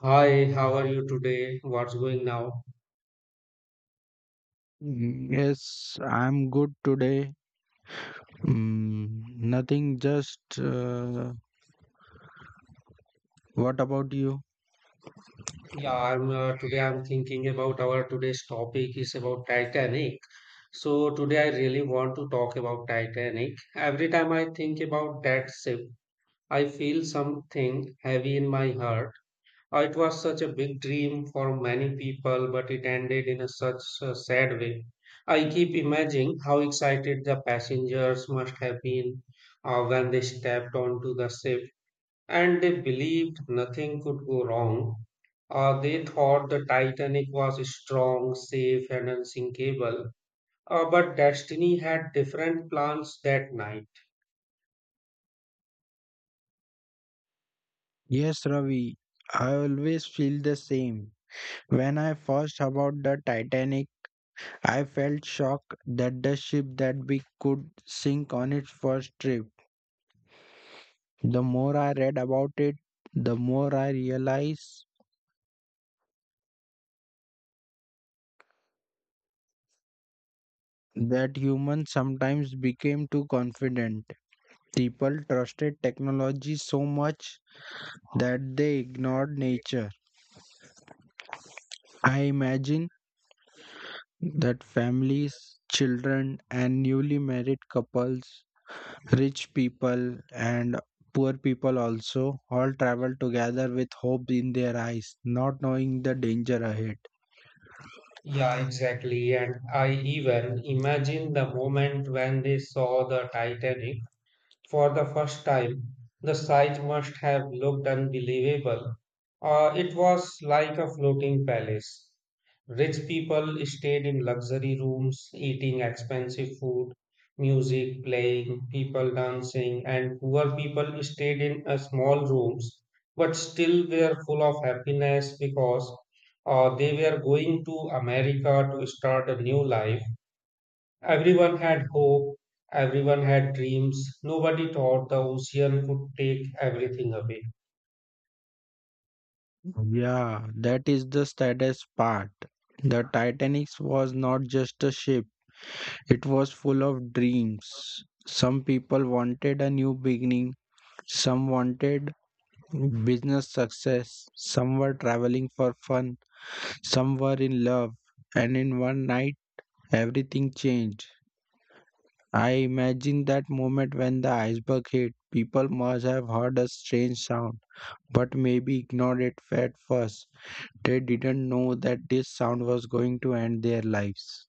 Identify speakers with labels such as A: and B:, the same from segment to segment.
A: Hi, how are you today? What's going now?
B: Yes, I'm good today. Nothing, just what about you?
A: Yeah, I'm today I'm thinking about our today's topic is about Titanic. So today I really want to talk about Titanic. Every time I think about that ship, I feel something heavy in my heart. It was such a big dream for many people, but it ended in a such a sad way. I keep imagining how excited the passengers must have been when they stepped onto the ship and they believed nothing could go wrong. They thought the Titanic was strong, safe, and unsinkable, but Destiny had different plans that night.
B: Yes, Ravi, I always feel the same. When I first about the Titanic, I felt shocked that the ship that we could sink on its first trip. The more I read about it, the more I realized that humans sometimes became too confident. People trusted technology so much that they ignored nature. I imagine that families, children, and newly married couples, rich people, and poor people also all travel together with hope in their eyes, not knowing the danger ahead.
A: Yeah, exactly. And I even imagine the moment when they saw the Titanic for the first time. The sight must have looked unbelievable. It was like a floating palace. Rich people stayed in luxury rooms, eating expensive food, music playing, people dancing, and poor people stayed in small rooms, but still were full of happiness because they were going to America to start a new life. Everyone had hope, everyone had dreams. Nobody thought the ocean could take everything away.
B: Yeah, that is the saddest part. The Titanic was not just a ship, it was full of dreams. Some people wanted a new beginning, some wanted business success, some were traveling for fun. Some were in love, and in one night everything changed. I imagine that moment when the iceberg hit. People must have heard a strange sound, but maybe ignored it at first. They didn't know that this sound was going to end their lives.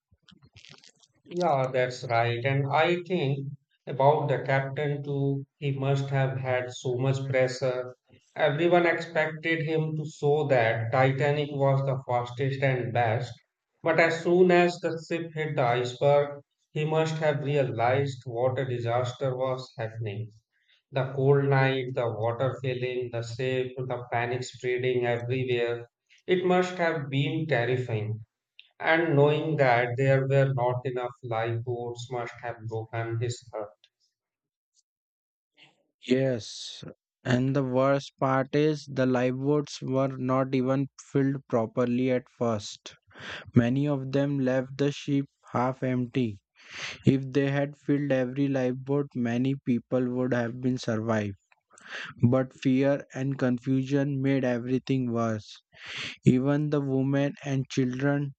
A: Yeah, that's right. And I think about the captain too, he must have had so much pressure. Everyone expected him to show that Titanic was the fastest and best. But as soon as the ship hit the iceberg, he must have realized what a disaster was happening. The cold night, the water filling, the shape, the panic spreading everywhere. It must have been terrifying. And knowing that there were not enough lifeboats must have broken his heart.
B: Yes, and the worst part is the lifeboats were not even filled properly at first. Many of them left the ship half empty. If they had filled every lifeboat, many people would have been survived. But fear and confusion made everything worse. Even the women and children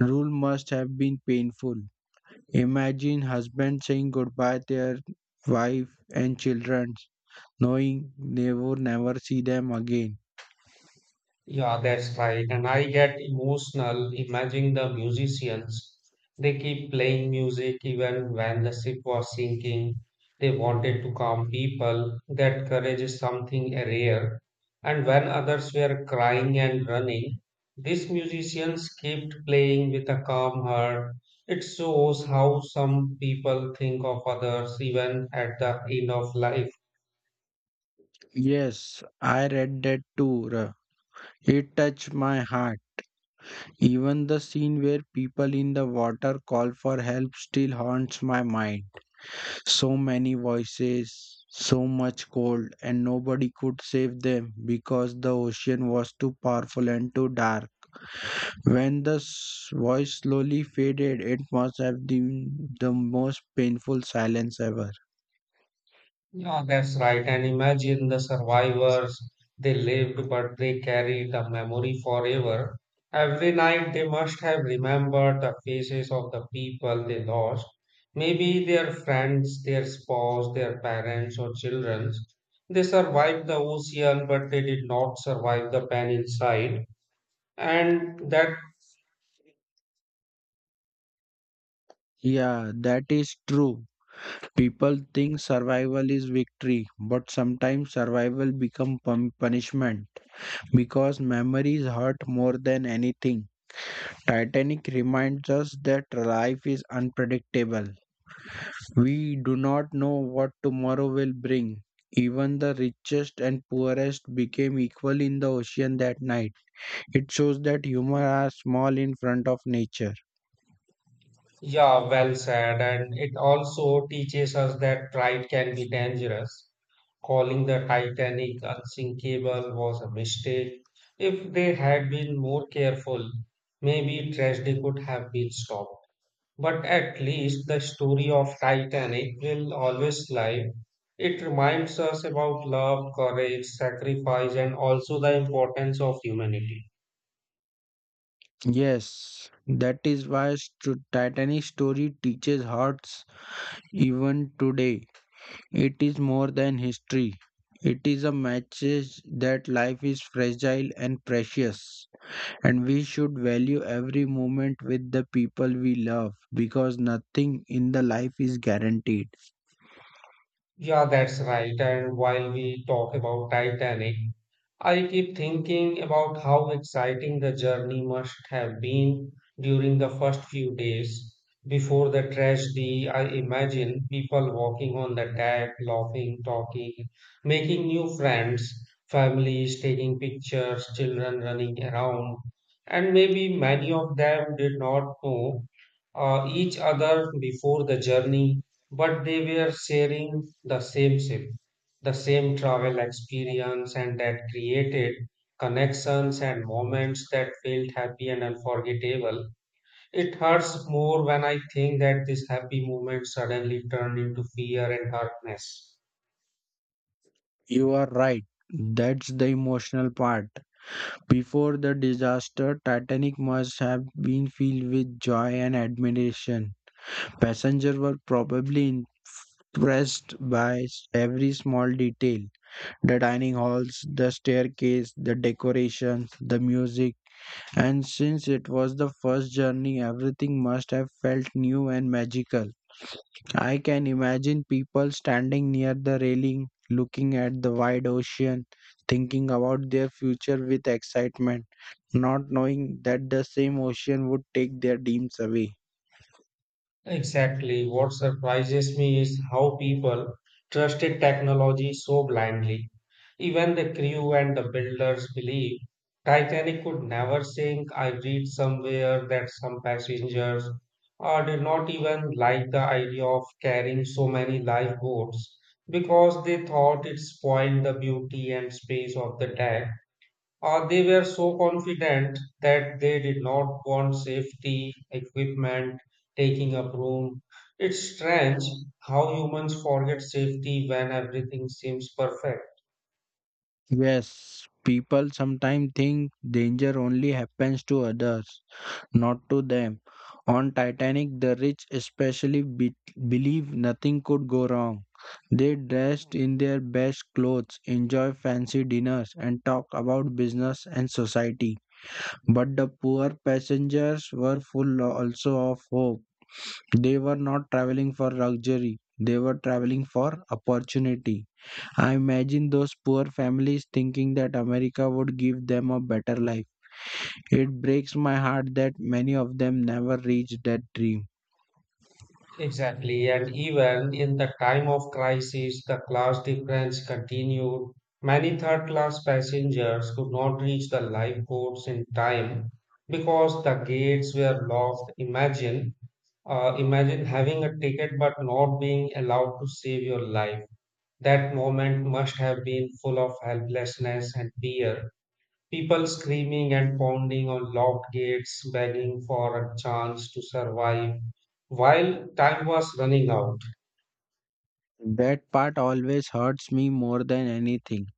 B: rule must have been painful. Imagine husbands saying goodbye to their wife and children, knowing they would never see them again.
A: Yeah, that's right. And I get emotional imagining the musicians. They keep playing music even when the ship was sinking. They wanted to calm people. That courage is something rare. And when others were crying and running, these musicians kept playing with a calm heart. It shows how some people think of others even at the end of life.
B: Yes, I read that too. Ra. It touched my heart. Even the scene where people in the water call for help still haunts my mind. So many voices, so much cold, and nobody could save them because the ocean was too powerful and too dark. When the voice slowly faded, it must have been the most painful silence ever.
A: Yeah, that's right. And imagine the survivors. They lived, but they carried the memory forever. Every night they must have remembered the faces of the people they lost. Maybe their friends, their spouse, their parents, or children. They survived the ocean, but they did not survive the pain inside. And that.
B: Yeah, that is true. People think survival is victory, but sometimes survival become punishment because memories hurt more than anything. Titanic reminds us that life is unpredictable. We do not know what tomorrow will bring. Even the richest and poorest became equal in the ocean that night. It shows that humans are small in front of nature.
A: Yeah, well said. And it also teaches us that pride can be dangerous. Calling the Titanic unsinkable was a mistake. If they had been more careful, maybe tragedy could have been stopped. But at least the story of Titanic will always live. It reminds us about love, courage, sacrifice, and also the importance of humanity.
B: Yes, that is why Titanic story teaches hearts even today. It is more than history. It is a message that life is fragile and precious. And we should value every moment with the people we love because nothing in the life is guaranteed.
A: Yeah, that's right. And while we talk about Titanic, I keep thinking about how exciting the journey must have been during the first few days before the tragedy. I imagine people walking on the deck, laughing, talking, making new friends, families taking pictures, children running around, and maybe many of them did not know each other before the journey, but they were sharing the same ship, the same travel experience, and that created connections and moments that felt happy and unforgettable. It hurts more when I think that this happy moment suddenly turned into fear and darkness.
B: You are right. That's the emotional part. Before the disaster, Titanic must have been filled with joy and admiration. Passengers were probably impressed by every small detail: the dining halls, the staircase, the decorations, the music. And since it was the first journey, everything must have felt new and magical. I can imagine people standing near the railing, looking at the wide ocean, thinking about their future with excitement, not knowing that the same ocean would take their dreams away.
A: Exactly. What surprises me is how people trusted technology so blindly. Even the crew and the builders believe Titanic could never sink. I read somewhere that some passengers did not even like the idea of carrying so many lifeboats because they thought it spoiled the beauty and space of the deck. They were so confident that they did not want safety equipment taking up room. It's strange how humans forget safety when everything seems perfect.
B: Yes, people sometimes think danger only happens to others, not to them. On Titanic, the rich especially believe nothing could go wrong. They dressed in their best clothes, enjoy fancy dinners, and talk about business and society. But the poor passengers were full also of hope. They were not traveling for luxury, they were traveling for opportunity. I imagine those poor families thinking that America would give them a better life. It breaks my heart that many of them never reach that dream.
A: Exactly, and even in the time of crisis, the class difference continued. Many third class passengers could not reach the lifeboats in time because the gates were locked. Imagine having a ticket but not being allowed to save your life. That moment must have been full of helplessness and fear. People screaming and pounding on locked gates, begging for a chance to survive while time was running out.
B: That part always hurts me more than anything.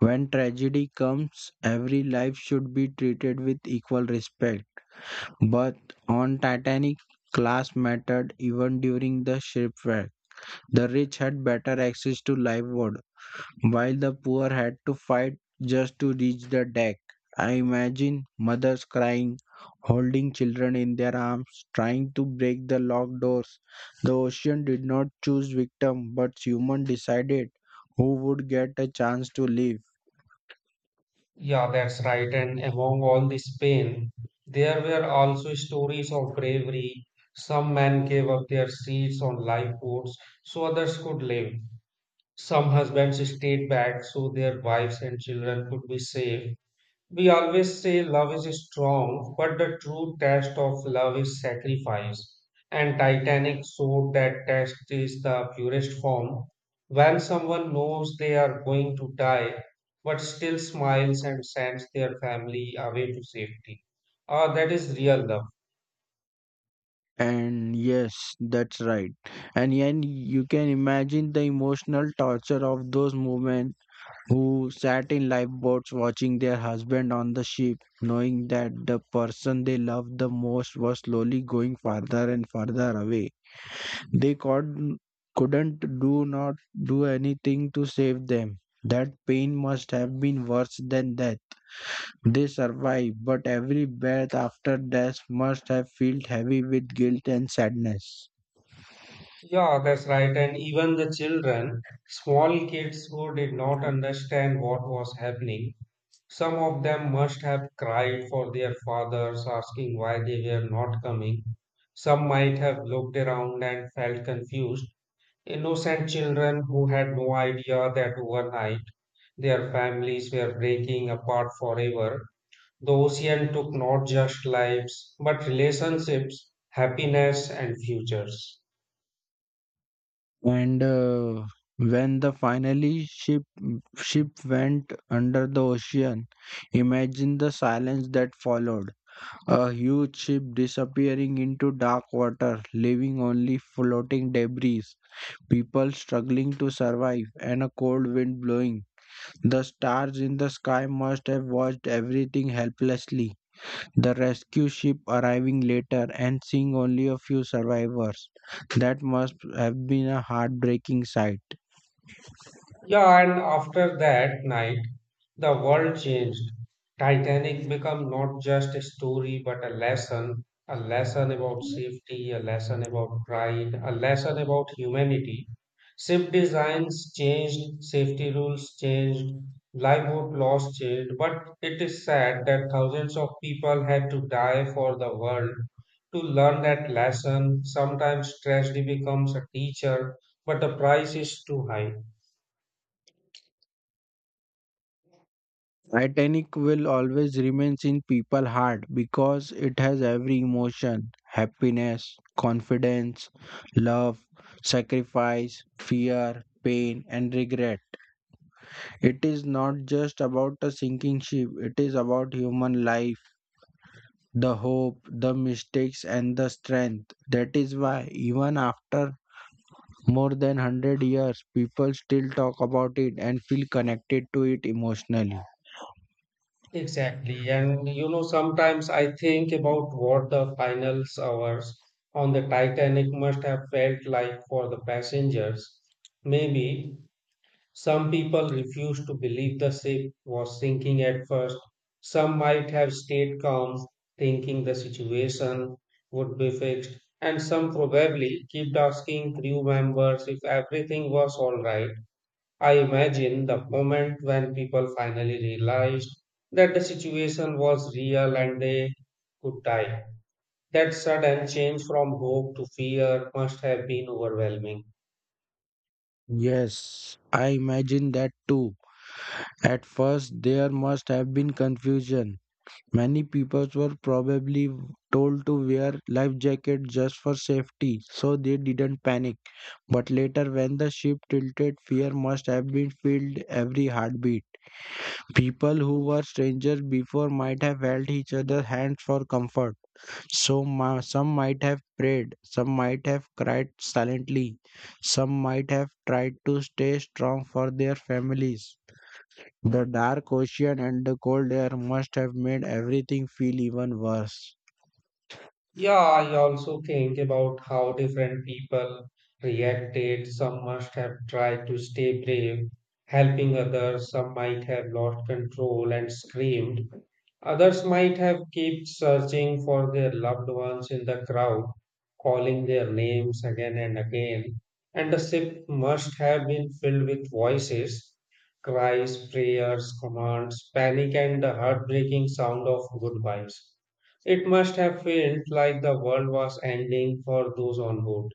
B: When tragedy comes, every life should be treated with equal respect. But on Titanic, class mattered even during the shipwreck. The rich had better access to lifeboats. While the poor had to fight just to reach the deck, I imagine mothers crying, holding children in their arms, trying to break the locked doors. The ocean did not choose victim, but human decided who would get a chance to live.
A: Yeah, that's right. And among all this pain, there were also stories of bravery. Some men gave up their seats on lifeboats so others could live. Some husbands stayed back so their wives and children could be safe. We always say love is strong, but the true test of love is sacrifice. And Titanic showed that test is the purest form when someone knows they are going to die, but still smiles and sends their family away to safety. Ah, that is real love.
B: And yes, that's right. And then you can imagine the emotional torture of those moments who sat in lifeboats watching their husband on the ship, knowing that the person they loved the most was slowly going farther and farther away. They could, couldn't do not do anything to save them. That pain must have been worse than death. They survived, but every breath after death must have felt heavy with guilt and sadness.
A: Yeah, that's right. And even the children, small kids who did not understand what was happening, some of them must have cried for their fathers, asking why they were not coming. Some might have looked around and felt confused. Innocent children who had no idea that overnight their families were breaking apart forever. The ocean took not just lives, but relationships, happiness, and futures.
B: And when the finally ship went under the ocean, imagine the silence that followed, a huge ship disappearing into dark water, leaving only floating debris, people struggling to survive, and a cold wind blowing. The stars in the sky must have watched everything helplessly, the rescue ship arriving later and seeing only a few survivors. That must have been a heartbreaking sight.
A: Yeah, and after that night, the world changed. Titanic became not just a story but a lesson about safety, a lesson about pride, a lesson about humanity. Ship designs changed, safety rules changed, lifeboat laws changed, but it is sad that thousands of people had to die for the world to learn that lesson. Sometimes tragedy becomes a teacher, but the price is too high.
B: Titanic will always remain in people's heart because it has every emotion, happiness, confidence, love, sacrifice, fear, pain and regret. It is not just about a sinking ship, it is about human life, the hope, the mistakes and the strength. That is why even after more than 100 years people still talk about it and feel connected to it emotionally.
A: Exactly. And you know, sometimes I think about what the final hours on the Titanic must have felt like for the passengers. Maybe some people refused to believe the ship was sinking at first. Some might have stayed calm, thinking the situation would be fixed. And some probably kept asking crew members if everything was all right. I imagine the moment when people finally realized that the situation was real and they could die. That sudden change from hope to fear must have been overwhelming.
B: Yes, I imagine that too. At first, there must have been confusion. Many people were probably told to wear life jackets just for safety, so they didn't panic. But later, when the ship tilted, fear must have been filled every heartbeat. People who were strangers before might have held each other's hands for comfort. So some might have prayed, some might have cried silently, some might have tried to stay strong for their families. The dark ocean and the cold air must have made everything feel even worse.
A: Yeah, I also think about how different people reacted. Some must have tried to stay brave, helping others, some might have lost control and screamed. Others might have kept searching for their loved ones in the crowd, calling their names again and again, and the ship must have been filled with voices, cries, prayers, commands, panic, and the heartbreaking sound of goodbyes. It must have felt like the world was ending for those on board.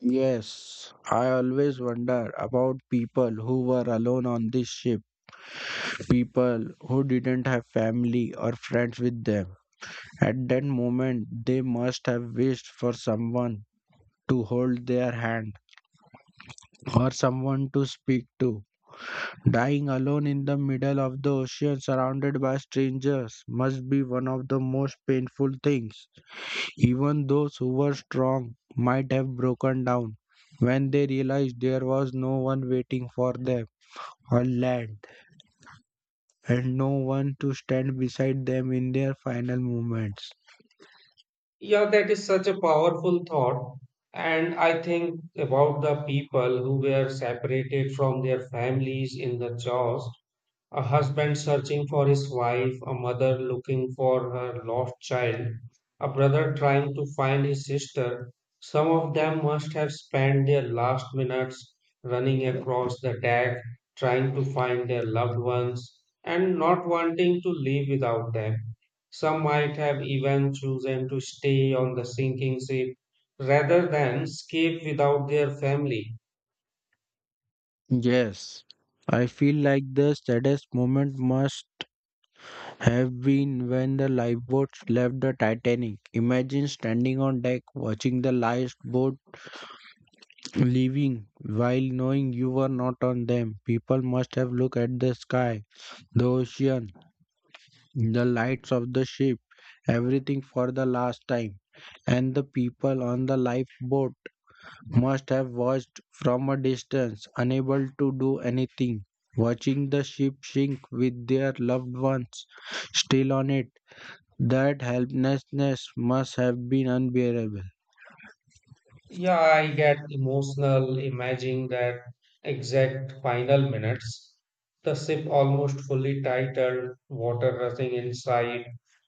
B: Yes, I always wonder about people who were alone on this ship, people who didn't have family or friends with them. At that moment, they must have wished for someone to hold their hand or someone to speak to. Dying alone in the middle of the ocean surrounded by strangers must be one of the most painful things. Even those who were strong might have broken down when they realized there was no one waiting for them on land and no one to stand beside them in their final moments.
A: Yeah, that is such a powerful thought. And I think about the people who were separated from their families in the jaws, a husband searching for his wife, a mother looking for her lost child, a brother trying to find his sister. Some of them must have spent their last minutes running across the deck, trying to find their loved ones, and not wanting to leave without them. Some might have even chosen to stay on the sinking ship rather than escape without their family.
B: Yes, I feel like the saddest moment must have been when the lifeboats left the Titanic. Imagine standing on deck watching the lifeboat leaving while knowing you were not on them. People must have looked at the sky, the ocean, the lights of the ship, everything for the last time, and the people on the lifeboat must have watched from a distance, unable to do anything, watching the ship sink with their loved ones still on it. That helplessness must have been unbearable.
A: Yeah, I get emotional imagining that exact final minutes. The ship almost fully titled, water rushing inside,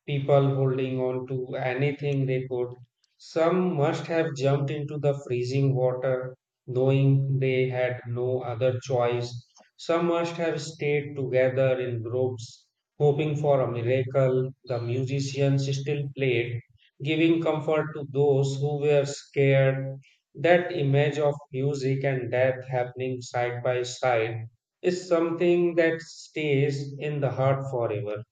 A: people holding on to anything they could. Some must have jumped into the freezing water, knowing they had no other choice. Some must have stayed together in groups, hoping for a miracle. The musicians still played, giving comfort to those who were scared. That image of music and death happening side by side is something that stays in the heart forever.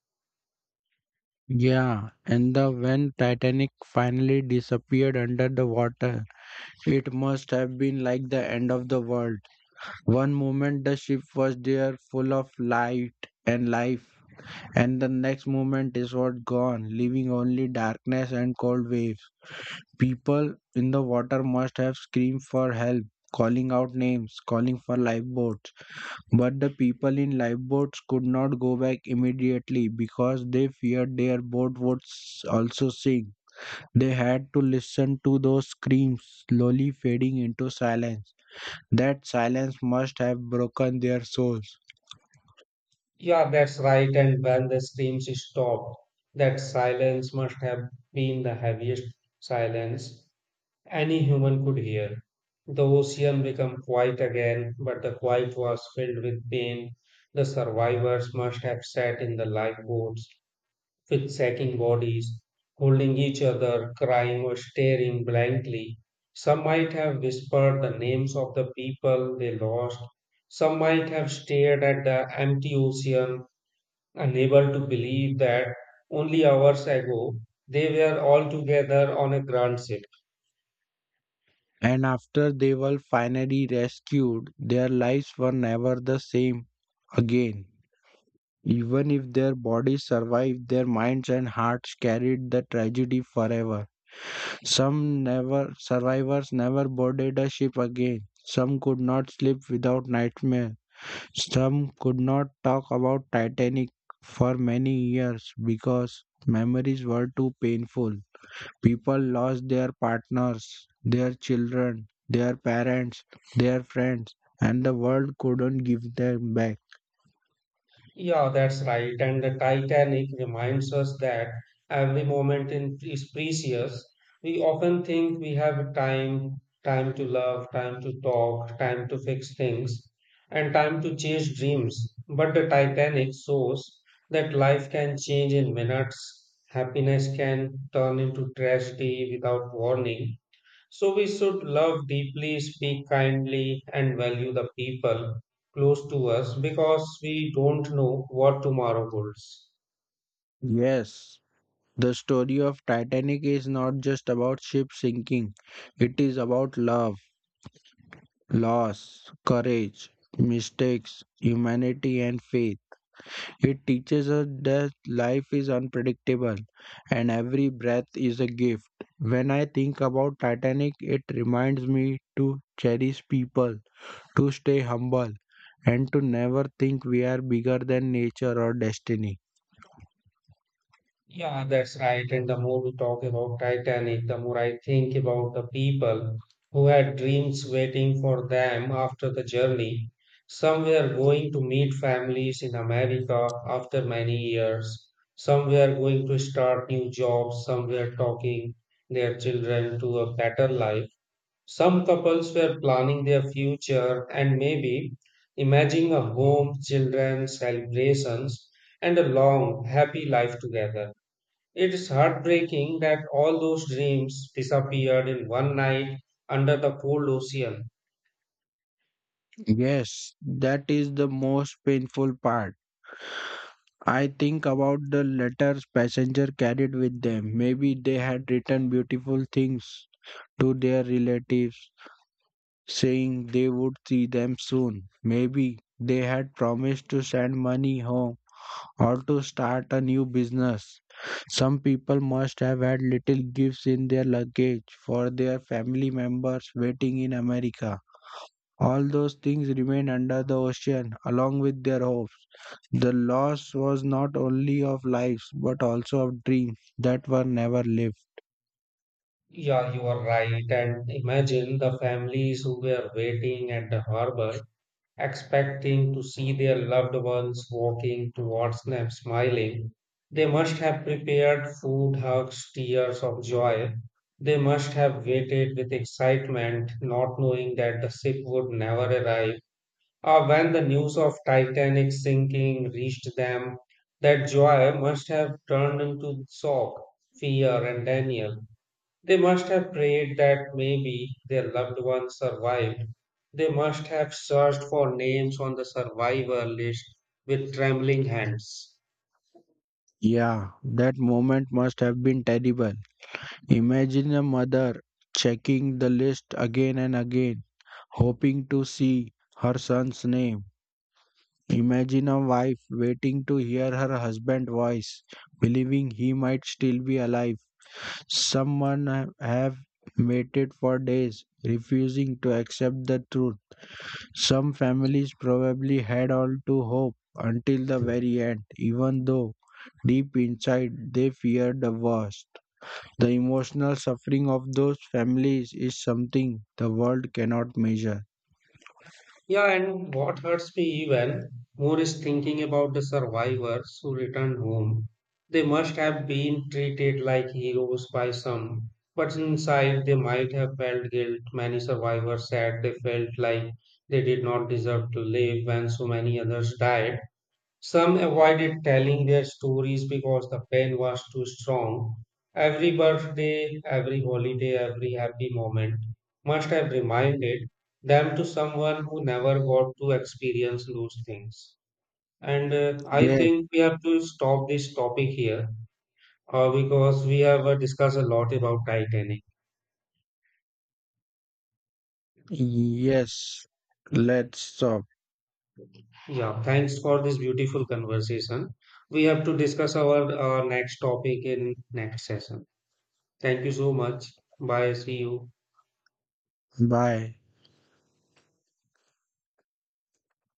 B: Yeah, and the when Titanic finally disappeared under the water, it must have been like the end of the world. One moment the ship was there full of light and life, and the next moment it was gone, leaving only darkness and cold waves. People in the water must have screamed for help, calling out names, calling for lifeboats. But the people in lifeboats could not go back immediately because they feared their boat would also sink. They had to listen to those screams slowly fading into silence. That silence must have broken their souls.
A: Yeah, that's right. And when the screams stopped, that silence must have been the heaviest silence any human could hear. The ocean became quiet again, but the quiet was filled with pain. The survivors must have sat in the lifeboats with sagging bodies, holding each other, crying or staring blankly. Some might have whispered the names of the people they lost. Some might have stared at the empty ocean, unable to believe that only hours ago they were all together on a grand ship.
B: And after they were finally rescued, their lives were never the same again. Even if their bodies survived, their minds and hearts carried the tragedy forever. Some never survivors never boarded a ship again. Some could not sleep without nightmare. Some could not talk about Titanic for many years because memories were too painful. People lost their partners, their children, their parents, their friends, and the world couldn't give them back.
A: Yeah, that's right. And the Titanic reminds us that every moment in is precious. We often think we have time, time to love, time to talk, time to fix things, and time to chase dreams. But the Titanic shows that life can change in minutes. Happiness can turn into tragedy without warning, so we should love deeply, speak kindly, and value the people close to us because we don't know what tomorrow holds.
B: Yes, the story of Titanic is not just about ship sinking. It is about love, loss, courage, mistakes, humanity and faith. It teaches us that life is unpredictable and every breath is a gift. When I think about Titanic, it reminds me to cherish people, to stay humble, and to never think we are bigger than nature or destiny.
A: Yeah, that's right. And the more we talk about Titanic, the more I think about the people who had dreams waiting for them after the journey. Some were going to meet families in America after many years. Some were going to start new jobs. Some were talking their children to a better life. Some couples were planning their future and maybe imagining a home, children, celebrations, and a long, happy life together. It's heartbreaking that all those dreams disappeared in one night under the cold ocean.
B: Yes, that is the most painful part. I think about the letters passenger carried with them. Maybe they had written beautiful things to their relatives, saying they would see them soon. Maybe they had promised to send money home or to start a new business. Some people must have had little gifts in their luggage for their family members waiting in America. All those things remained under the ocean along with their hopes. The loss was not only of lives but also of dreams that were never lived.
A: Yeah, you are right. And imagine the families who were waiting at the harbor expecting to see their loved ones walking towards them smiling. They must have prepared food, hugs, tears of joy. They must have waited with excitement, not knowing that the ship would never arrive. Or when the news of Titanic sinking reached them, that joy must have turned into shock, fear, and denial. They must have prayed that maybe their loved ones survived. They must have searched for names on the survivor list with trembling hands.
B: Yeah, that moment must have been terrible. Imagine a mother checking the list again and again, hoping to see her son's name. Imagine a wife waiting to hear her husband's voice, believing he might still be alive. Someone have waited for days, refusing to accept the truth. Some families probably had all to hope until the very end, even though deep inside they feared the worst. The emotional suffering of those families is something the world cannot measure.
A: Yeah, and what hurts me even more is thinking about the survivors who returned home. They must have been treated like heroes by some, but inside they might have felt guilt. Many survivors said they felt like they did not deserve to live when so many others died. Some avoided telling their stories because the pain was too strong. Every birthday, every holiday, every happy moment must have reminded them to someone who never got to experience those things. And I
B: Yes.
A: think we have to stop this topic here because we have discussed a lot about Titanic.
B: Yes. Let's stop.
A: Yeah, thanks for this beautiful conversation. We have to discuss our next topic in next session. Thank you so much. Bye. See you.
B: Bye.